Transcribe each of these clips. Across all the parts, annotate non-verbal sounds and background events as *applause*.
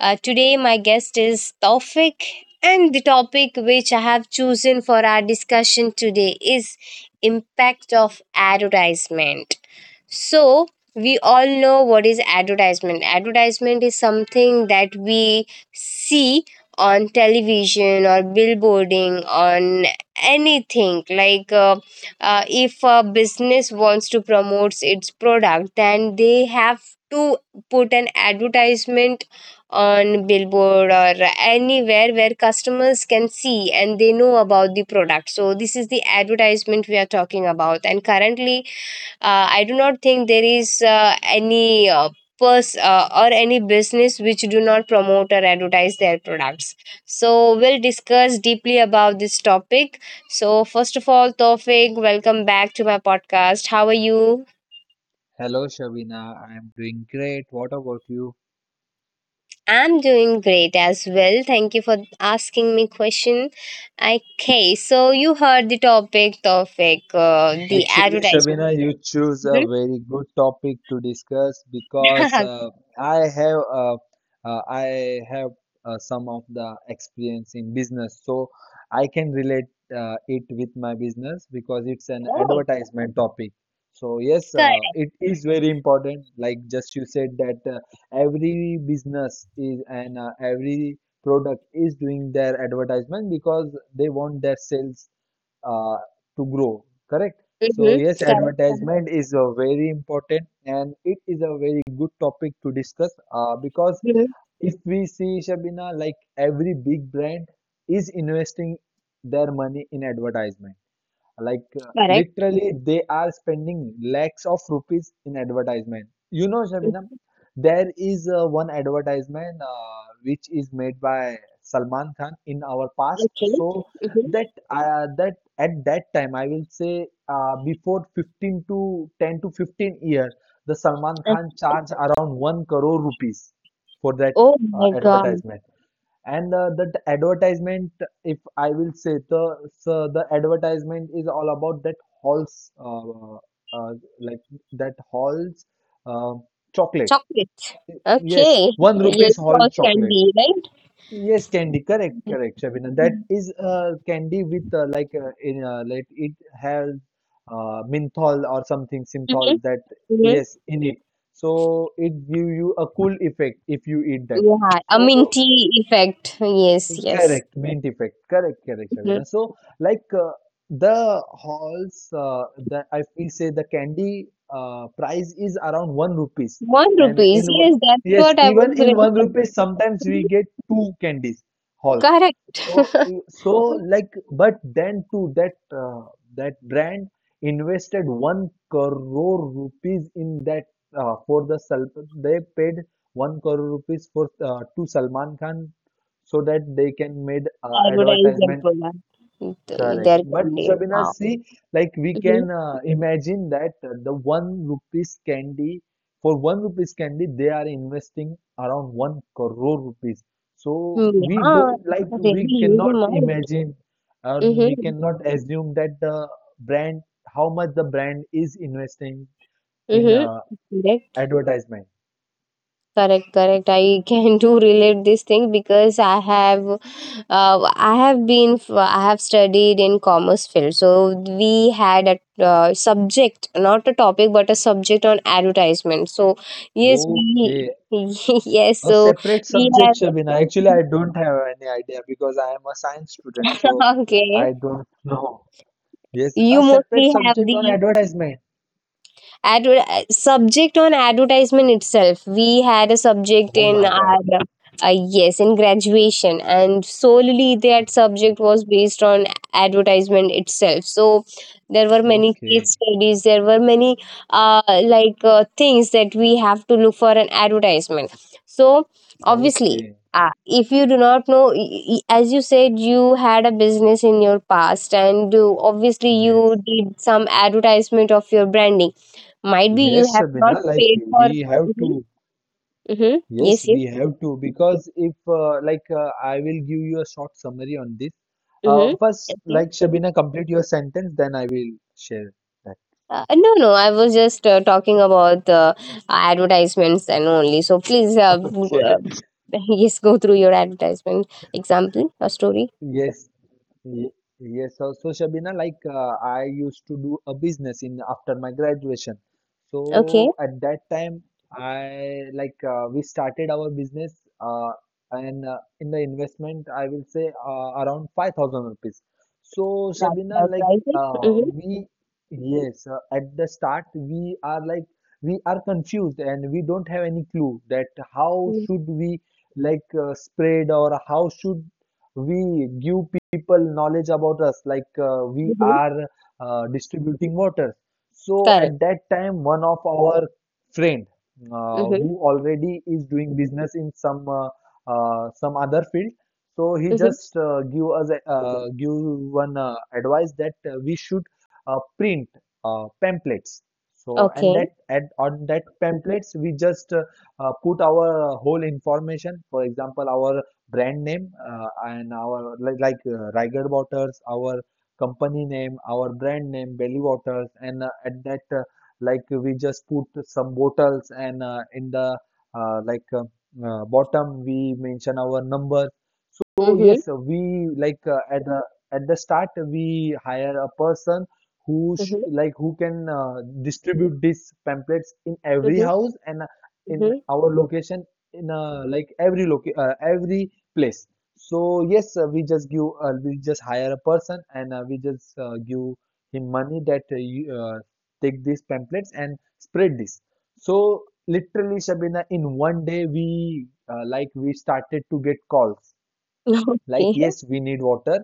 today my guest is Taufik. And the topic which I have chosen for our discussion today is impact of advertisement. So we all know what is advertisement. Advertisement is something that we see on television or billboarding on anything, like if a business wants to promote its product, then they have to put an advertisement on billboard or anywhere where customers can see and they know about the product. So this is the advertisement we are talking about. And currently I do not think there is any or any business which do not promote or advertise their products. So we'll discuss deeply about this topic. So first of all, Tofik, welcome back to my podcast. How are you? Hello, Shabina. I am doing great. What about you? I'm doing great as well. Thank you for asking me question. Okay, so you heard the topic, Tofik, the Actually, advertisement. Shabina, you choose a Mhm. very good topic to discuss because *laughs* I have uh, I have some of the experience in business, so I can relate it with my business because it's an Oh, advertisement topic. So yes, correct. it is very important. Like just you said that every business is and every product is doing their advertisement because they want their sales uh, to grow, correct? So Mhm, yes, correct. Mhm, advertisement is a very important and it is a very good topic to discuss because if we see Shabina, like every big brand is investing their money in advertisement like correct. literally, they are spending lakhs of rupees in advertisement. You know, Shabnam, Mm-hmm. there is one advertisement which is made by Salman Khan in our past. Okay. So Mhm. that that at that time, I will say before 15 to 10 to 15 year, the Salman Uh, Khan charged around 1 crore rupees for that Oh my God. advertisement. And that advertisement, if I will say the so the advertisement is all about that Halls, uh, like that Halls uh, chocolate. Chocolate. Yes, Okay. one *laughs* Yes, rupees or Halls chocolate. candy, right? Yes, candy. Correct, correct, Shabina. That Mm-hmm. is candy with like in like it has menthol or something synthol that Mm-hmm. yes in it. So it give you a cool effect if you eat that. Yeah. A So minty effect. Yes, yes. correct, main effect. Correct, correct, Shabina. Mhm. So, like the halls, that I we say the candy price is around one rupees, One and rupees. Yes, that's yes, what I was even really in one rupees, sometimes we happy. get two candies halls. Correct. So, *laughs* so like, but then too that that brand invested one crore rupees in that for they paid one crore rupees for to Salman Khan so that they can made Advertise their advertisement, product. Th- correct? Their But candy. Shabina Wow. see, like we Mm-hmm. can imagine that the one rupees candy, for one rupees candy they are investing around one crore rupees, so we Yeah. don't, It's like a really we huge cannot amount. imagine or we Mm-hmm. cannot assume that the brand, how much the brand is investing in Mm-hmm. advertisement. Correct, correct. I *laughs* can do relate this thing because I have been, I have studied in commerce field. So we had a subject, not a topic, but a subject on advertisement. So yes, we, Okay. *laughs* yes. A So separate we subject, have. Shabina. Actually, I don't have any idea because I am a science student, so *laughs* Okay, I don't know. Yes, you a separate mostly have subject on the advertisement. Subject on advertisement itself. We had a subject Oh in my our God. Yes in graduation, and solely that subject was based on advertisement itself. So there were many case Okay. studies. There were many like things that we have to look for an advertisement. So obviously. Okay. If you do not know, as you said, you had a business in your past, and obviously you Yes. did some advertisement of your branding, might be you Yes, have not Shabina. Like paid for we have mhm, to. mhm, Yes, yes, yes. we have to because if I will give you a short summary on this. Mhm. First, Okay. like Shabina, complete your sentence, then I will share that. No, no, I was just talking about advertisements and only. So please, *laughs* Okay. *laughs* Yes, go through your advertisement example or story. Yes. Ye- Yes, so Shabina, like I used to do a business in after my graduation. Okay, So at that time, I like we started our business and in the investment, I will say around 5,000 rupees. So that's Shabina, like surprising. Mm-hmm. we, yes, at the start, we are like we are confused and we don't have any clue that how should we, like spread or how should we give people knowledge about us, like we Mm-hmm. are distributing water. So Correct. at that time one of our friend Mm-hmm. who already is doing business in some other field, so he Mm-hmm. just give one advice that we should print pamphlets. So and Okay. that, at on that pamphlets we just put our whole information, for example our brand name and our, like Riger Waters, our company name, our brand name, Belly Waters, and at that, like we just put some bottles and in the uh, like uh, bottom we mention our number. So Mm-hmm. yes, we, like at the start we hire a person who sh Mm-hmm. like who can distribute these pamphlets in every house and in Mm-hmm. *laughs* our location in every loca every place. So yes, we just give, we just hire a person and we just give him money that you take these pamphlets and spread this. So literally, Shabina, in one day we we started to get calls like, Okay. yes, we need water.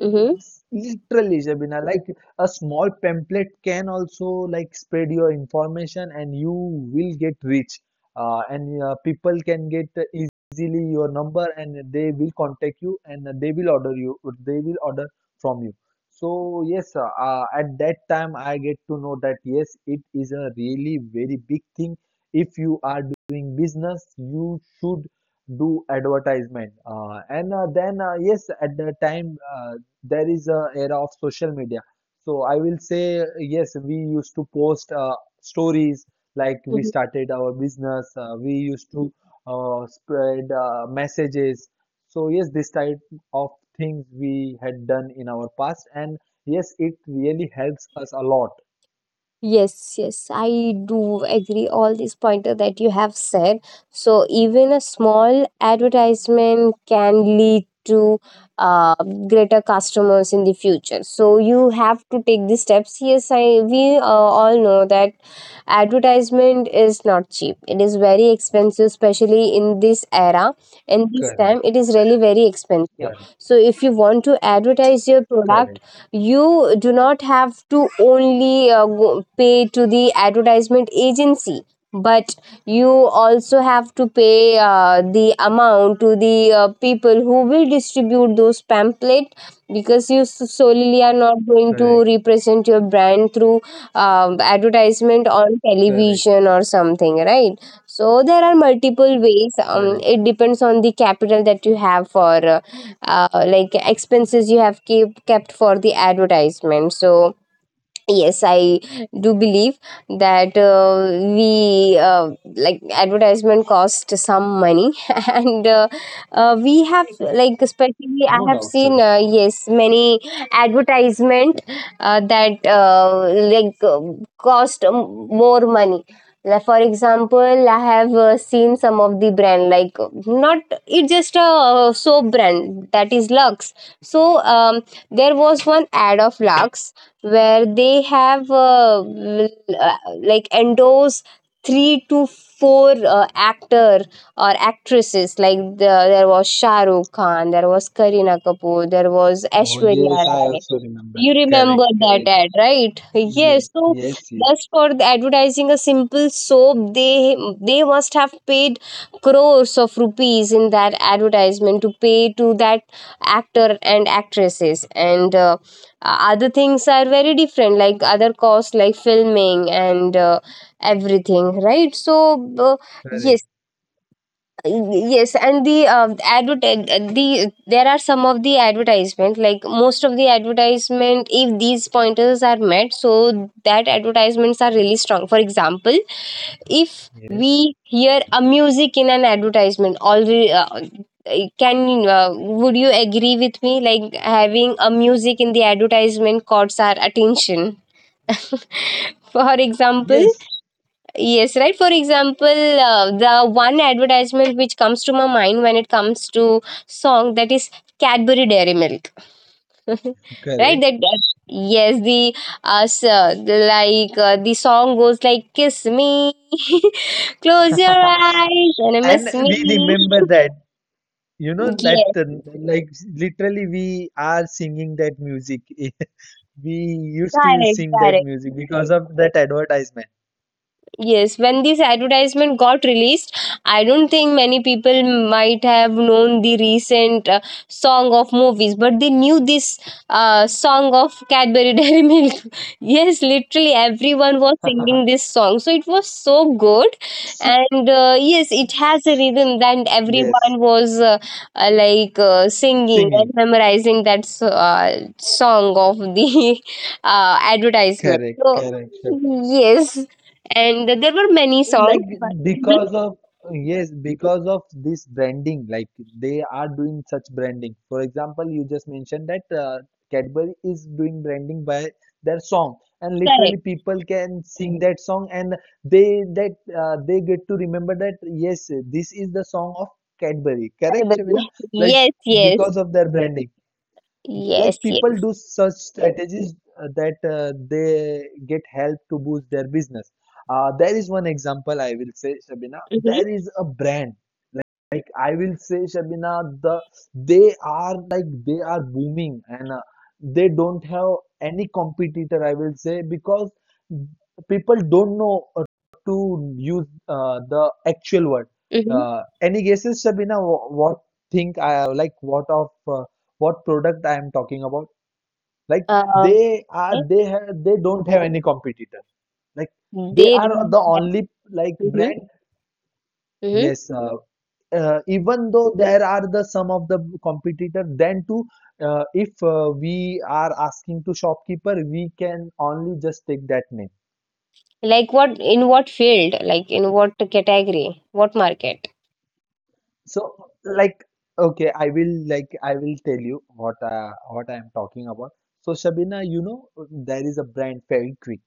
Mm-hmm. Literally, Shabina, like a small pamphlet can also like spread your information and you will get rich. And people can get easily your number and they will contact you and they will order you, they will order from you. So yes, at that time I get to know that yes, it is a really very big thing. If you are doing business, you should do advertisement. And then yes, at the time. There is a era of social media, so I will say yes, we used to post stories, like we started our business, we used to spread messages. So yes, this type of things we had done in our past and yes, it really helps us a lot. Yes, yes, I do agree all these pointer that you have said. So even a small advertisement can lead to uh, greater customers in the future. So you have to take the steps. Yes, I we all know that advertisement is not cheap. It is very expensive, especially in this era and this Correct, time. It is really very expensive. correct, So if you want to advertise your product, correct, you do not have to only go, pay to the advertisement agency, but you also have to pay the amount to the people who will distribute those pamphlet, because you solely are not going to correct, represent your brand through advertisement on correct, television or something, right? So there are multiple ways. Correct. It depends on the capital that you have for like expenses you have keep kept for the advertisement. So yes, I do believe that we like advertisement cost some money, *laughs* and we have, like, especially I have seen yes many advertisement that like cost more money. Like for example, I have seen some of the brand, like not, it's just a soap brand that is Lux. So um, there was one ad of Lux where they have uh, like endorse three to four actor or actresses, like there was Shah Rukh Khan, there was Kareena Kapoor, there was Oh Aishwarya yes, I Rai. also remember. You Correct, remember that correct. ad, right? Yes, Yes. So yes, yes, just for the advertising a simple soap, they must have paid crores of rupees in that advertisement to pay to that actor and actresses. And other things are very different, like other costs, like filming and everything, right? So correct. yes, yes, and the advert the there are some of the advertisement, like most of the advertisement, if these pointers are met, so that advertisements are really strong. For example, if Yes, we hear a music in an advertisement, all we can, would you agree with me, like having a music in the advertisement caught our attention? *laughs* For example, yes, yes, right. For example, the one advertisement which comes to my mind when it comes to song, that is Cadbury Dairy Milk, *laughs* right? correct. Yes, uh, so, the song goes like, "Kiss me, *laughs* close your *laughs* eyes, and And miss me." we remember *laughs* that, you know, that Yes, like literally we are singing that music. *laughs* We used to correct, sing that correct. music because of that advertisement. Yes, when this advertisement got released, I don't think many people might have known the recent song of movies, but they knew this song of Cadbury *laughs* Dairy Milk. Yes, literally everyone was singing this song, so it was so good, S- and yes, it has a s- rhythm that Yes, everyone was like singing singing. and memorizing that song of the *laughs* advertisement. Correct, So correct. yes, and there were many songs, Like but Mhm, because of, yes, because of this branding, like they are doing such branding. For example, you just mentioned that Cadbury is doing branding by their song and correct. literally people can sing that song and they, that they get to remember that, yes, this is the song of Cadbury, correct Arabadi. Shabina. *laughs* Like Yes, yes, because of their branding, like yes, people yes. do such strategies that they get help to boost their business. There is one example I will say, Shabina. Mm-hmm. There is a brand, like I will say, Shabina, The they are like they are booming and they don't have any competitor. I will say because people don't know to use the actual word. Mm-hmm. Any guesses, Shabina? What think? I like what of what product I am talking about? Like Uh, they are, okay. they have, they don't have any competitor, like they They do are not the have. only like Mm-hmm. brand. Mm-hmm. Yes even though there are the some of the competitor, then too if we are asking to shopkeeper, we can only just take that name. Like what? In what field? Like in what category? What market? So, like okay, I will, like I will tell you what I am talking about. So Shabina, you know, there is a brand, very quick,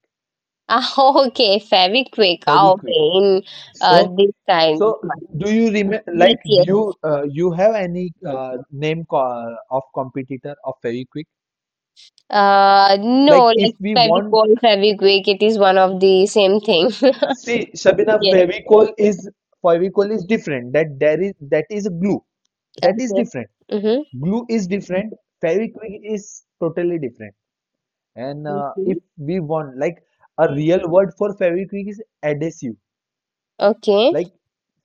Ah, *laughs* okay, Fabric. Ah, very quick. okay, in So, this kind so, of market. do you remember, Yes, like, do yes. you you have any name of competitor of Fevikwik? No, Like, if like we want, Fabicol, Fabric, it is one of the same thing. see, Shabina, *laughs* Yes. Fevicol is, Fevicol is different. That there is, that is a glue, that is Okay. different. Mm-hmm. Glue is different. Fevikwik is totally different. And if we want, like, a real word for Fevikwik is adhesive. Okay. Like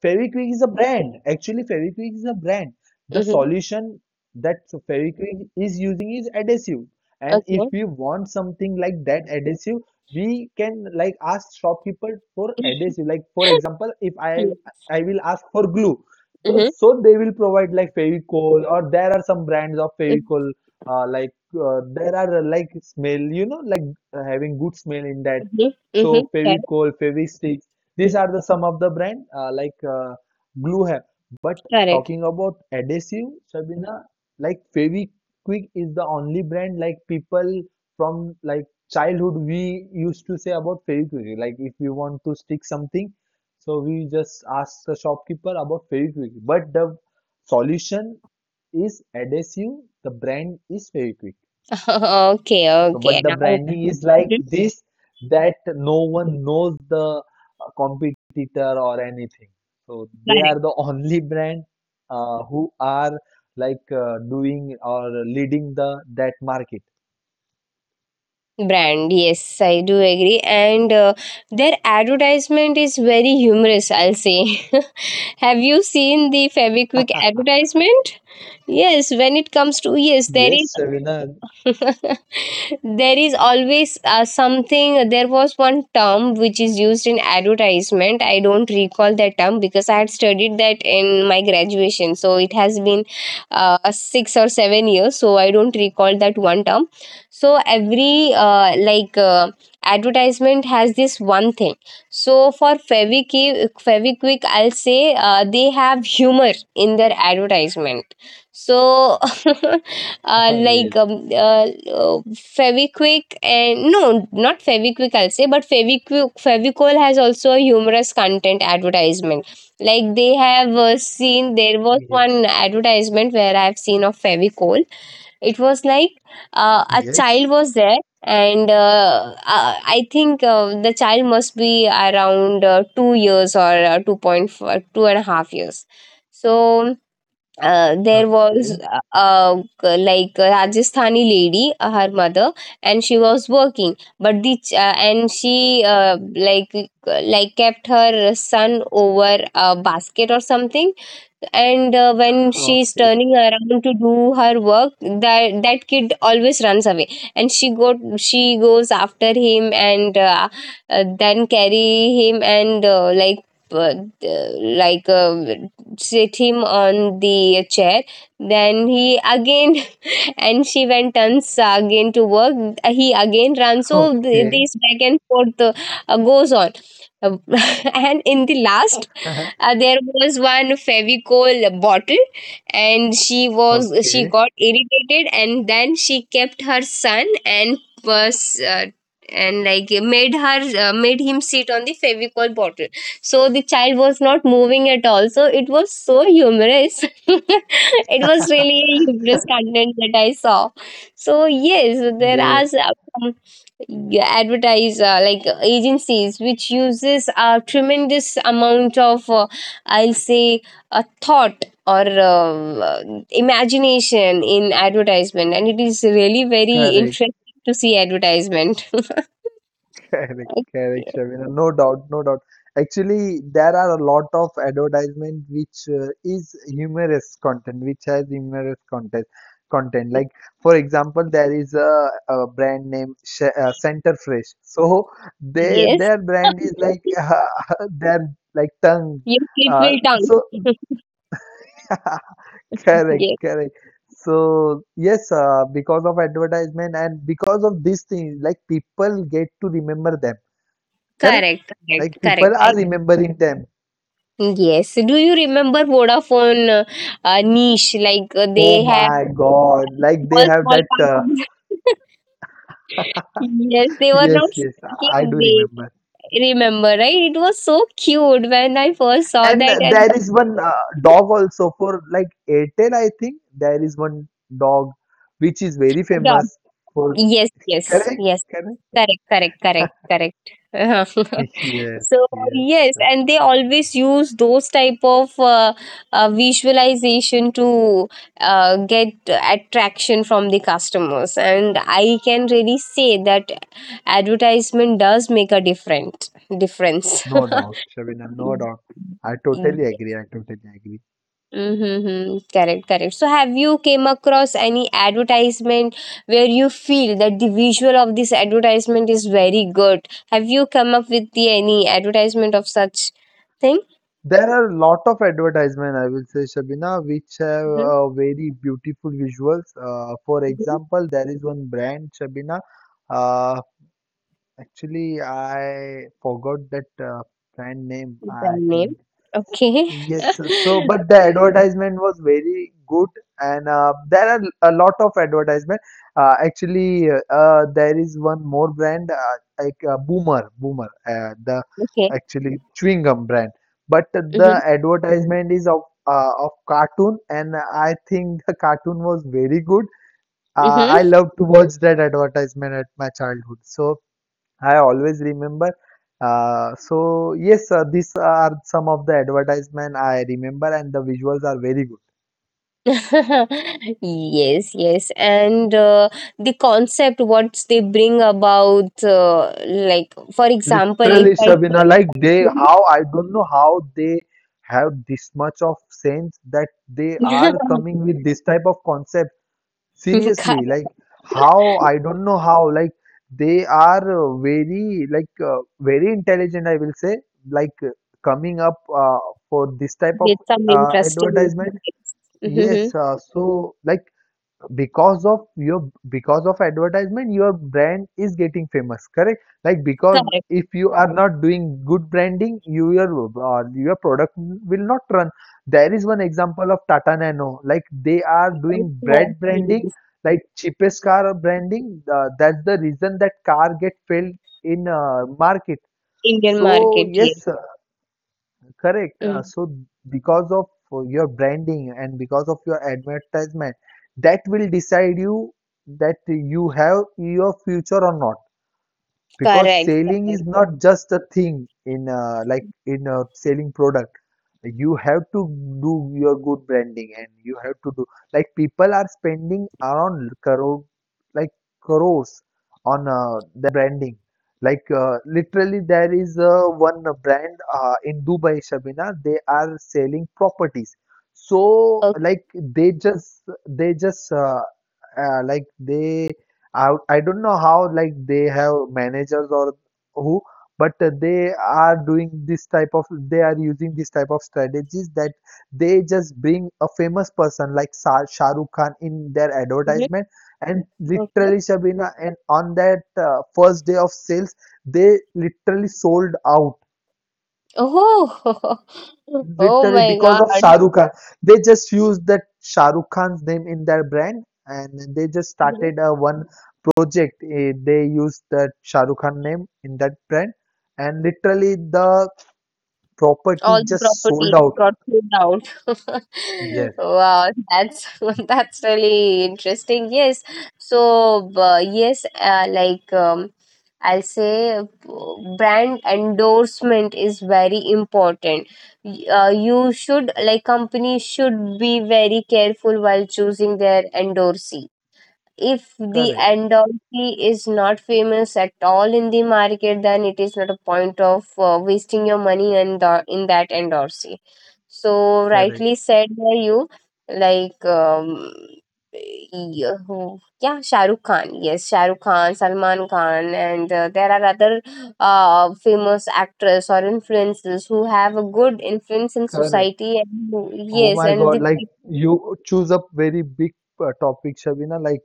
Fevikwik is a brand. Actually, Fevikwik is a brand. The Mm-hmm. solution that Fevikwik is using is adhesive. And if Okay. we want something like that adhesive, we can like ask shopkeeper for adhesive. Like for example, if I Mm. I will ask for glue, so Mhm. so they will provide like Fevicol or there are some brands of Mm, Fevicol. Uh, like there are like smell, you know, like having good smell in that. mhm, mhm. So Correct, Fevicol, Fevistick. These are the some of the brand like glue have. But correct. talking about adhesive, Sabina, like Fevikwik is the only brand, like people from, like childhood we used to say about Fevikwik. Like if we want to stick something, so we just ask the shopkeeper about Fevikwik. But the solution is adhesive. The brand is Fevikwik. *laughs* Okay, So, okay. but the Now, branding is like Mhm, this, that no one knows the competitor or anything. So they correct. are the only brand who are like doing or leading the that market. Brand, yes, I do agree. And their advertisement is very humorous, I'll say. *laughs* Have you seen the Fabiquick advertisement? Yes, when it comes to, yes, there Yes, Shavina. *laughs* there is always something. There was one term which is used in advertisement, I don't recall that term because I had studied that in my graduation, so it has been 6 or 7 years, so I don't recall that one term. So every like advertisement has this one thing. So for Feviquick, Feviquick, I'll say they have humor in their advertisement. So *laughs* *laughs* like Yes, uh, Feviquick, and no, not Feviquick, I'll say, but Feviquick Fevicol has also a humorous content advertisement. Like they have seen, there was yes, one advertisement where I've seen of Fevicol. It was like a yes. child was there. And I think the child must be around 2 years or 2.4, two and a half years. So there was Okay, like a Rajasthani lady, her mother, and she was working. But and she like kept her son over a basket or something, and when she's okay, turning around to do her work, that that kid always runs away, and she goes after him and then carry him and uh, like sit him on the chair, then he again *laughs* and she went turns again to work. He again runs. So okay, this back and forth goes on. Uh, *laughs* and in the last, *laughs* there was one Fevicol bottle, and she okay. got irritated, and then she kept her son and was. And like made her made him sit on the Fevicol bottle. So the child was not moving at all, so it was so humorous. *laughs* *laughs* It was really a humorous content that I saw. So yes, there are Yes, some, yeah, advertise like agencies which uses a tremendous amount of I'll say a thought or uh, imagination in advertisement, and it is really very correct. interesting to see advertisement. *laughs* Correct, correct, Shabina. No doubt, no doubt. Actually, there are a lot of advertisement which is humorous content, which has humorous content. Content like, for example, there is a brand name Sh Center Fresh. *laughs* So they, Yes, their brand is *laughs* like *laughs* their like tongue. your clip Uh, will down. so *laughs* *laughs* correct, Yes, correct. So yes, because of advertisement and because of these things, like people get to remember them. Correct. correct, Like correct, correct. people are I. remembering them. Yes. Do you remember Vodafone niche? Like Oh they have my God! Like they small, have small that. Companies. *laughs* Yes, they were Yes, not yes, I speaking. do They remember. remember, right? It was so cute when I first saw And that and there is one *laughs* dog also for like Airtel. I think there is one dog which is very adopt. famous for. Yes, yes, Correct, yes. correct. Correct, correct, correct, correct. *laughs* *laughs* Yes, So yes. yes, and they always use those type of visualization to get attraction from the customers, and I can really say that advertisement does make a different difference. No doubt, Shabina. No doubt. I totally *laughs* agree. I totally agree. Mm-hmm. Correct, correct. So have you came across any advertisement where you feel that the visual of this advertisement is very good? Have you come up with the any advertisement of such thing? There are a lot of advertisement, I will say, Shabina, which have Mm-hmm. Very beautiful visuals. For Mm-hmm. example, there is one brand, Shabina. Uh, Actually, I forgot that brand name. I Brand name. think. Okay. Yes, *laughs* so but the advertisement was very good, and there are a lot of advertisement. Actually, there is one more brand, like, Boomer, the Okay. actually chewing gum brand. But the Mm-hmm. advertisement is of cartoon, and I think the cartoon was very good. I Mm-hmm. love to watch that advertisement at my childhood. So I always remember. So yes, these are some of the advertisement I remember, and the visuals are very good. *laughs* Yes, yes. And the concept what they bring about like for example, if Literally, I Shabina, like they how I don't know how they have this much of sense that they are *laughs* coming with this type of concept. *laughs* Seriously, correct, like how I don't know how, like, they are very, very intelligent. I will say, like, coming up for this type of with some interesting advertisement. things. Mm-hmm. Yes, so like, because of advertisement, your brand is getting famous, correct? Like, because Correct. if you are not doing good branding, your product will not run. There is one example of Tata Nano, like they are doing *laughs* Oh, branding, yes. like cheapest car branding. That's the reason that car get failed in market. Indian So market, yes. yes. Correct. Uh, Mm, so because of your branding and because of your advertisement, that will decide you that you have your future or not, because correct, selling is correct. not just a thing in like in selling product. You have to do your good branding, and you have to do, like, people are spending around like crores on their branding, like, literally there is one brand in Dubai, Shabina. They are selling properties, so Okay. like they just, like they I don't know how, like, they have managers or who, but they are using this type of strategies that they just bring a famous person like Shah Rukh Khan in their Mhm, advertisement. And okay. literally, Shabina, and on that first day of sales, they literally sold out. Oh, *laughs* oh Literally, my because of Shah God. Rukh Khan. They just used that Shah Rukh Khan's name in their brand and they just started *laughs* a one project. They used that Shah Rukh Khan name in that brand and literally the property All the just sold property out. got cleaned out. Yes, *laughs* Wow, that's *laughs* that's really interesting. Yes, so b- yes, uh, like um, I'll say, brand endorsement is very important. Y- you should like Companies should be very careful while choosing their endorsee. If the correct, endorphy is not famous at all in the market, then it is not a point of wasting your money in that endorsee. So correct, rightly said by you, like yeah, shahrukh khan, yes, shahrukh khan, salman khan, and there are other famous actors or influencers who have a good influence in correct. society and who, Oh yes, my and God, the like you choose a very big topic, Shabina, like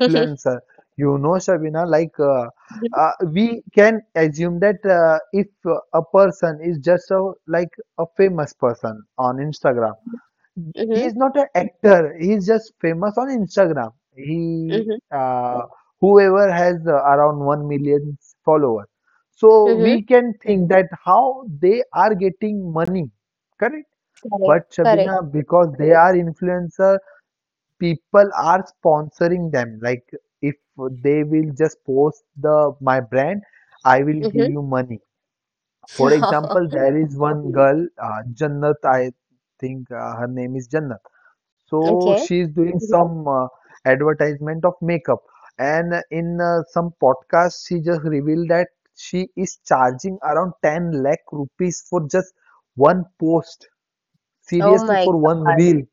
*laughs* You know, Shabina, like, mm-hmm, we can assume that, if a person is just a like a famous person on Instagram, mm-hmm, he's not an actor. He's just famous on Instagram. He Whoever has around 1 million followers, so we mm-hmm. can think that how they are getting money, correct? Correct, But correct. Shabina, because they are influencer, people are sponsoring them. Like, if they will just post the my brand, I will Mhm. give Mm, you money. For example, *laughs* there is one girl, Jannat. I think her name is Jannat. So okay. she is doing Mhm. some advertisement of makeup, and in some podcast, she just revealed that she is charging around 10 lakh rupees for just one post. Oh Seriously, my for one God. reel,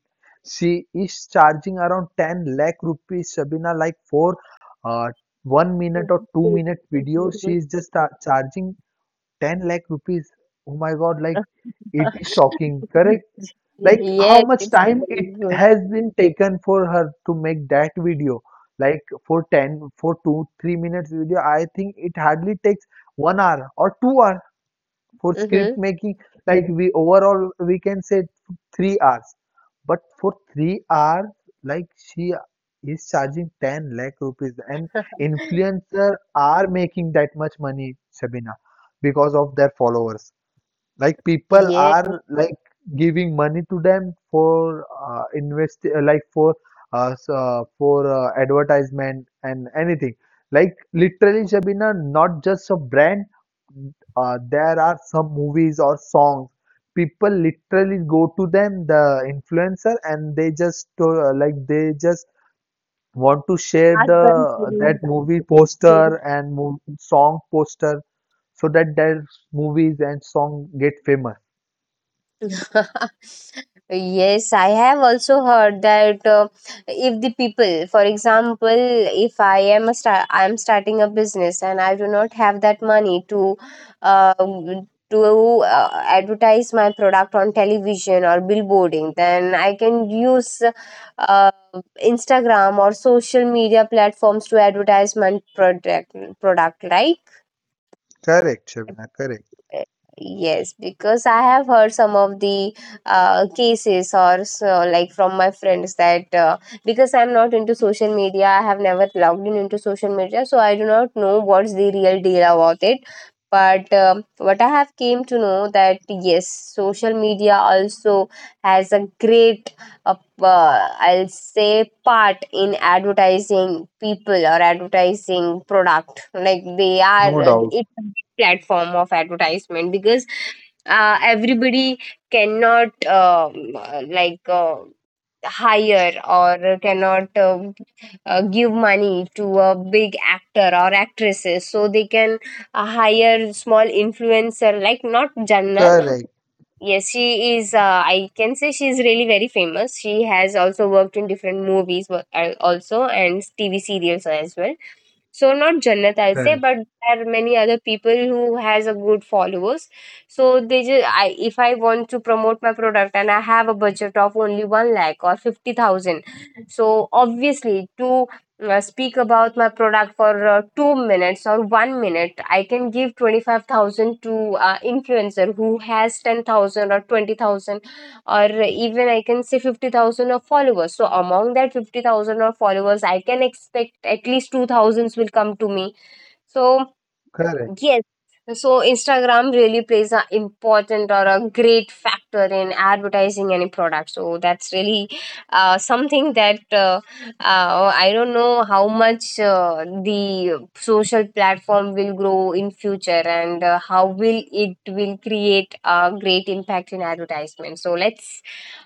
she is charging around 10 lakh rupees. Shabina, like for uh, 1 minute or Mhm. 2 minute video, she Mhm. is just charging 10 lakh rupees. Oh my God, like it is *laughs* shocking, correct? Like how Yes, much it's time very it good. has been taken for her to make that video? Like for 10, for two, 3 minutes video, I think it hardly takes 1 hour or 2 hour for script Mm-hmm. making. Like, we overall, we can say 3 hours. But for 3 hours, like, she is charging 10 lakh rupees, and *laughs* influencer are making that much money, Shabina, because of their followers. Like, people Yes. are, like, giving money to them for invest like for for advertisement and anything. Like, literally, Shabina, not just a brand. There are some movies or songs. People literally go to them, the influencer, and they just want to share Husband. the that movie poster and mo song poster so that their movies and song get famous. *laughs* Yes, I have also heard that if the people, for example, if I am a star, I am starting a business and I do not have that money to uh, advertise my product on television or billboarding, then I can use uh, Instagram or social media platforms to advertise my product, right? Correct, Shabina, correct. Uh, Yes, because I have heard some of the cases or so, like from my friends, that because I'm not into social media, I have never logged in into social media, so I do not know what's the real deal about it. But what I have came to know that yes, social media also has a great, uh, I'll say, part in advertising people or advertising product. Like they are, No doubt. it platform of advertisement, because everybody cannot hire or cannot give money to a big actor or actresses, so they can hire small influencer like not jannat. Correct, Yes, she is, I can say she is really very famous. She has also worked in different movies also and tv serials as well. So not Jannat, I'll say, correct, but there are many other people who has a good followers. So they just, I if I want to promote my product and I have a budget of only one lakh or 50,000, so obviously to speak about my product for 2 minutes or 1 minute, I can give 25,000 to influencer who has 10,000 or 20,000, or even I can say 50,000 of followers. So among that 50,000 of followers, I can expect at least 2,000s will come to me. So correct. yes. So Instagram really plays an important or a great factor in advertising any product. So that's really something that I don't know how much the social platform will grow in future and how will it will create a great impact in advertisement. So let's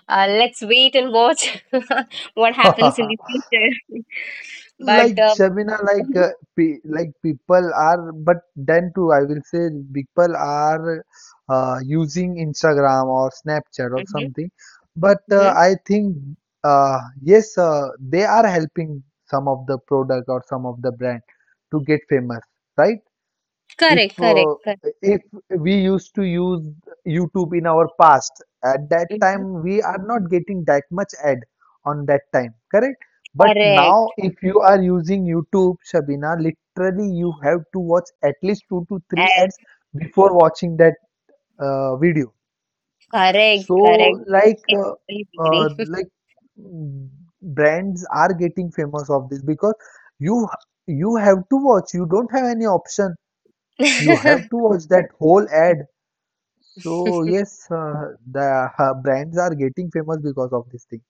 uh, let's wait and watch *laughs* what happens in the *laughs* future. *laughs* but Like, Shabina, like, mhm, pe like people are, but then too, I will say people are using Instagram or Snapchat or mhm, something. But mhm. I think, yes, they are helping some of the product or some of the brand to get famous, right? if Correct, correct, uh, correct. if we used to use YouTube in our past, at that Mm-hmm. time we are not getting that much ad on that time, correct? But now, Correct. if you are using YouTube, Shabina, literally you have to watch at least two to three Uh, ads before watching that video. correct. So, Correct. like, I totally uh, agree. like mm, brands are getting famous of this, because you you have to watch, you don't have any option, you have to watch that whole ad. So *laughs* yes, the brands are getting famous because of this thing.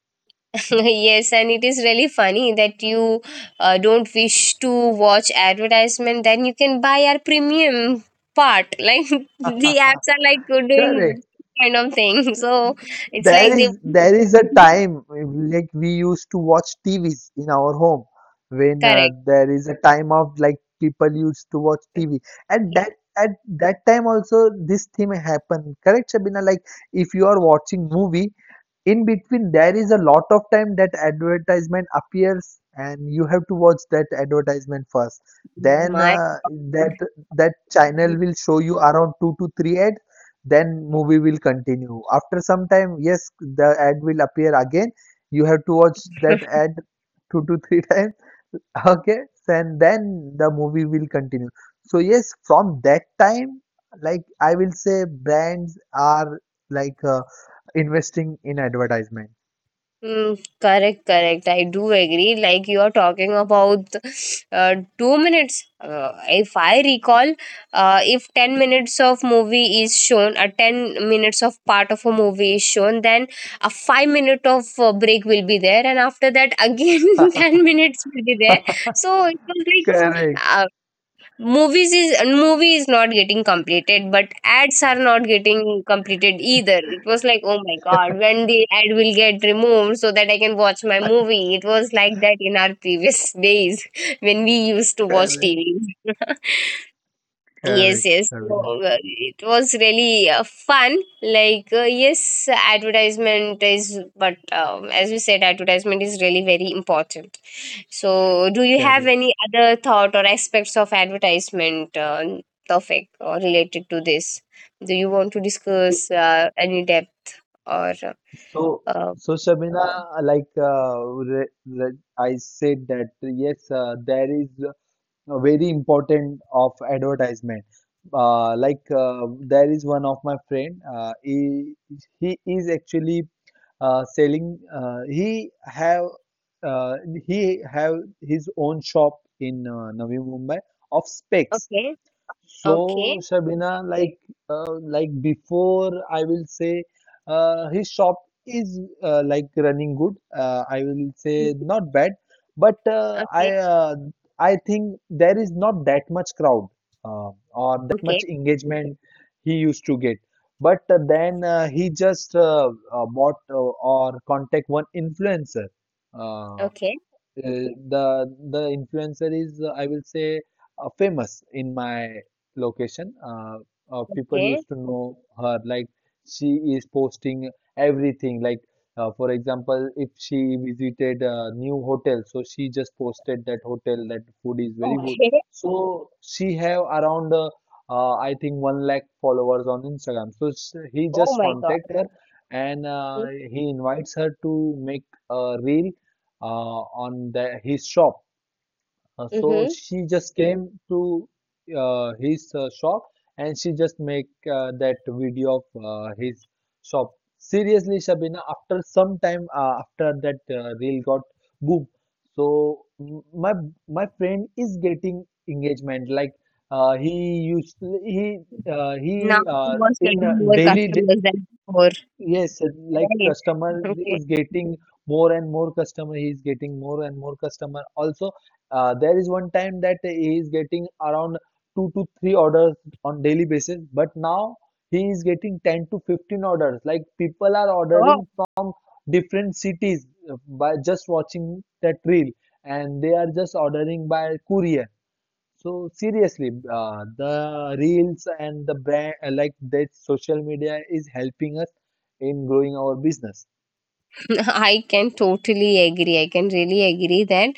Yes, and it is really funny that you don't wish to watch advertisement. Then you can buy our premium part. *laughs* Like the apps are like doing Correct. kind of thing. *laughs* So it's there like they is there is a time, like, we used to watch TVs in our home. *laughs* When correct. there is a time of, like, people used to watch TV at that at that time, also this thing happened, correct, Shabina? Like, if you are watching movie, in between there is a lot of time that advertisement appears, and you have to watch that advertisement first. Then My that that channel will show you around 2 to 3, then movie will continue after some time. Yes, the ad will appear again, you have to watch that ad two to three times. *laughs* okay, and then the movie will continue. So yes, from that time, like, I will say brands are, like, investing in advertisement. mm, correct, correct. I do agree. Like you are talking about 2 minutes. If I recall, if 10 minutes of movie is shown, a 10 minutes of part of a movie is shown, then a 5 minute of break will be there, and after that again *laughs* 10 minutes will be there. So it was Correct, like movies is movie is not getting completed, but ads are not getting completed either. It was like, oh my god, when the ad will get removed so that I can watch my movie. It was like that in our previous *laughs* days when we used to watch correct, tv. Yes, correct, yes. So, Shabina, it was really fun. Like yes, advertisement is, but as we said, advertisement is really very important. So, do you have correct. any other thought or aspects of advertisement topic or related to this? Do you want to so discuss any depth or? so Uh, so Shabina, like re, re- I said that, yes, there is, know, very important of advertisement. Like, there is one of my friend. He is actually selling. Uh, he have his own shop in Navi Mumbai of specs. okay, okay, So, Shabina, like, like before, I will say, his shop is, like, running good. I will mhm, say, not bad, but uh, okay, I uh, I think there is not that much crowd or that okay, much engagement he used to get. But then he just bought, or contact one influencer. Uh, okay, the influencer is, I will say, famous in my location. People okay, used to know her, like, she is posting everything. Like, for example, if she visited a new hotel, so she just posted that hotel that food is very good. okay. So she have around, I think, 1 lakh followers on Instagram. So he Oh just my God. contact her and he invites her to make a reel uh, on his shop. So Mm-hmm. she just came to his shop and she just make that video of his shop. Seriously, Shabina, after some time, after that reel got boom, so my my friend is getting engagement. Like, he used Now he you are in getting more daily. customers than before, Yes, like, right? customer Okay. is getting more and more customer. He is getting more and more customer. Also, there is one time that he is getting around two to three orders on daily basis, but now he is getting 10 to 15 orders. Like, people are Oh, ordering from different cities, by just watching that reel, and they are just ordering by courier. So seriously, the reels and the brand, like, that social media is helping us in growing our business. *laughs* I can totally agree. I can really agree that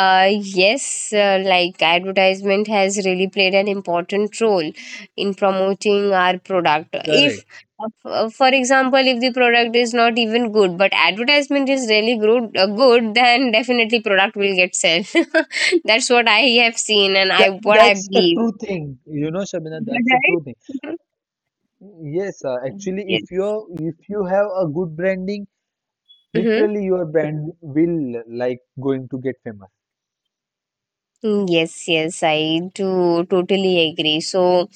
Yes, like advertisement has really played an important role in promoting our product. If, Correct. For example, if the product is not even good, but advertisement is really good, *laughs* then definitely product will get sell. *laughs* That's what I have seen and I what I That's a believe. true thing. You know, Shabina, Is that's a true thing. that right? *laughs* Yes, Mhm. actually, Yes. If you have a good branding, Mm-hmm. literally your brand will, like, going to get famous. Mm, yes, yes, I do totally agree. So,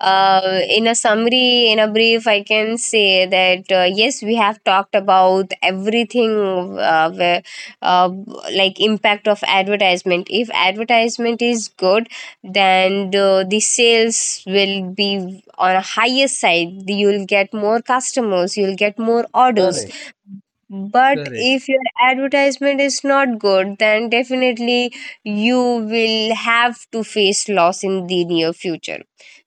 in a summary, in a brief, I can say that yes, we have talked about everything, uh, where, uh, like impact of advertisement. If advertisement is good, then the sales will be on a higher side. You'll get more customers. You'll get more orders. Correct. But Correct. if your advertisement is not good, then definitely you will have to face loss in the near future.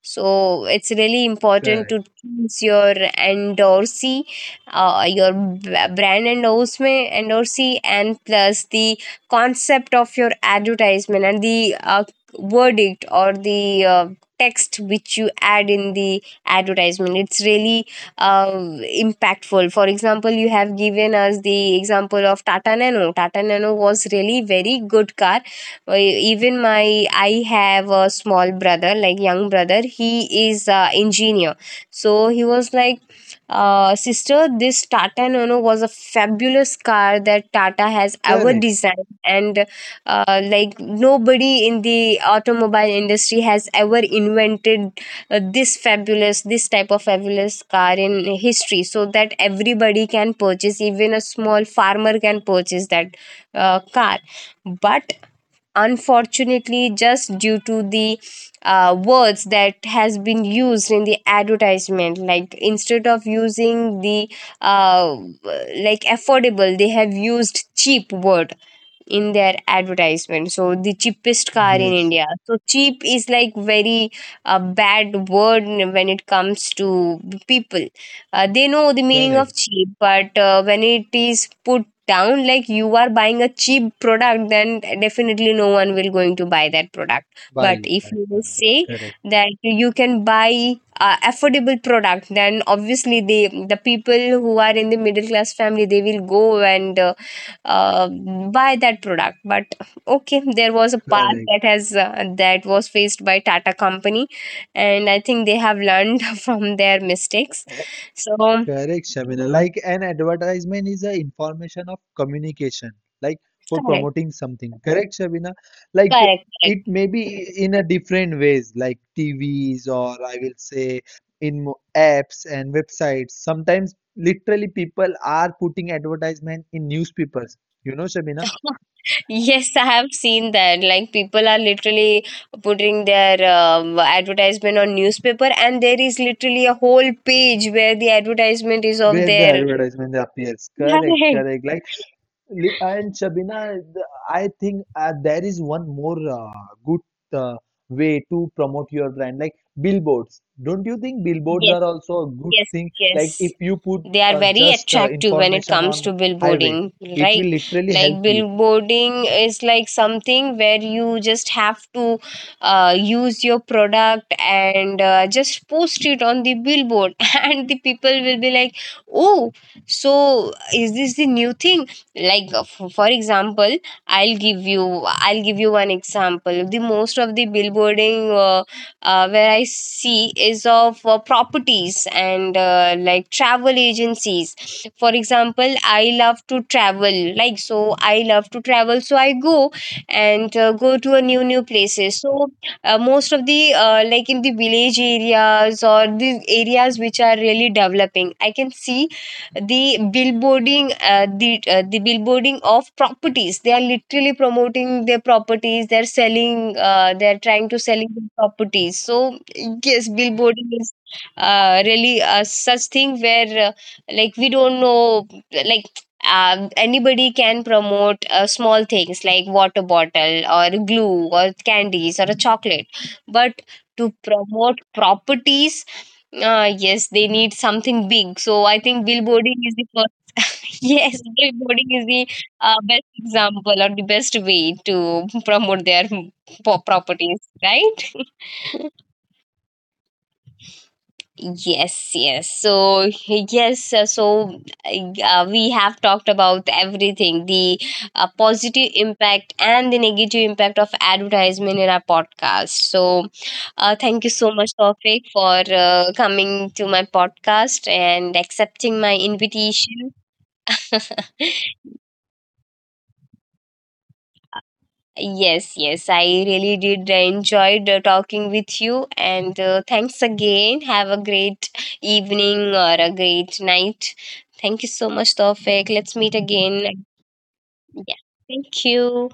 So it's really important Correct. to choose your endorsee, brand endorsement endorsee, and plus the concept of your advertisement, and the verdict or the text which you add in the advertisement. It's really uh, impactful. For example, you have given us the example of tata nano. Tata nano was really very good car. Even my I have a small brother, like young brother, he is engineer, so he was like, sister, this tata nano was a fabulous car that tata has ever Correct. designed, and like nobody in the automobile industry has ever invented this type of fabulous car in history, so that everybody can purchase, even a small farmer can purchase that car. But unfortunately, just due to the words that has been used in the advertisement, like instead of using the uh, like affordable, they have used cheap word in their advertisement. So the cheapest car in Yes, india. So cheap is like very bad word when it comes to people. They know the meaning correct. of cheap, but when it is put down like you are buying a cheap product, then definitely no one will going to buy that product. But Why if that you will correct, say correct, that you can buy affordable product, then obviously they, the people who are in the middle class family, they will go and uh, buy that product. But okay, there was a part correct, that has that was faced by tata company, and I think they have learned *laughs* from their mistakes. eh, So correct, Shamina. Like, an advertisement is a information of communication, like for correct, promoting something. Correct, Shabina. Like, correct, it correct. may be in a different ways, like TVs, or I will say in apps and websites. Sometimes literally people are putting advertisement in newspapers. You know, Shabina, *laughs* Yes, I have seen that like people are literally putting their advertisement on newspaper, and there is literally a whole page where the advertisement is of where the their advertisement appears. *laughs* Correct, correct. correct. Like, and Shabina, I think, there is one more, good, uh, way to promote your brand, like billboards. Don't you think billboards Yes, are also a good yes, thing? Like, if yes, you put they are very just, attractive when it information comes on to highway, billboarding, it right? will literally Like help you. billboarding is like something where you just have to use your product and just post it on the billboard *laughs* and the people will be like, oh, so is this the new thing? Like for example, I'll give you one example. The most of the billboarding where I see is of properties and like travel agencies. For example, I love to travel, like, so I love to travel, so I go and go to a new places. So most of the like in the village areas or the areas which are really developing, I can see the billboarding the billboarding of properties. They are literally promoting their properties. They're selling, they're trying to selling their properties. So yes, billboarding is really such thing where like we don't know, like anybody can promote small things like water bottle or glue or candies or a chocolate, but to promote properties, ah, yes, they need something big. So I think billboarding is the first. *laughs* Yes, billboarding is the best example or the best way to promote their properties, right? Yes, yes. So, yes, we have talked about everything, the positive impact and the negative impact of advertisement in our podcast. So, thank you so much, Tawfiq, for coming to my podcast and accepting my invitation. *laughs* Yes, yes, I really did enjoyed talking with you, and thanks again. Have a great evening or a great night. Thank you so much, Tawfiq. Let's meet again. Yeah, thank you.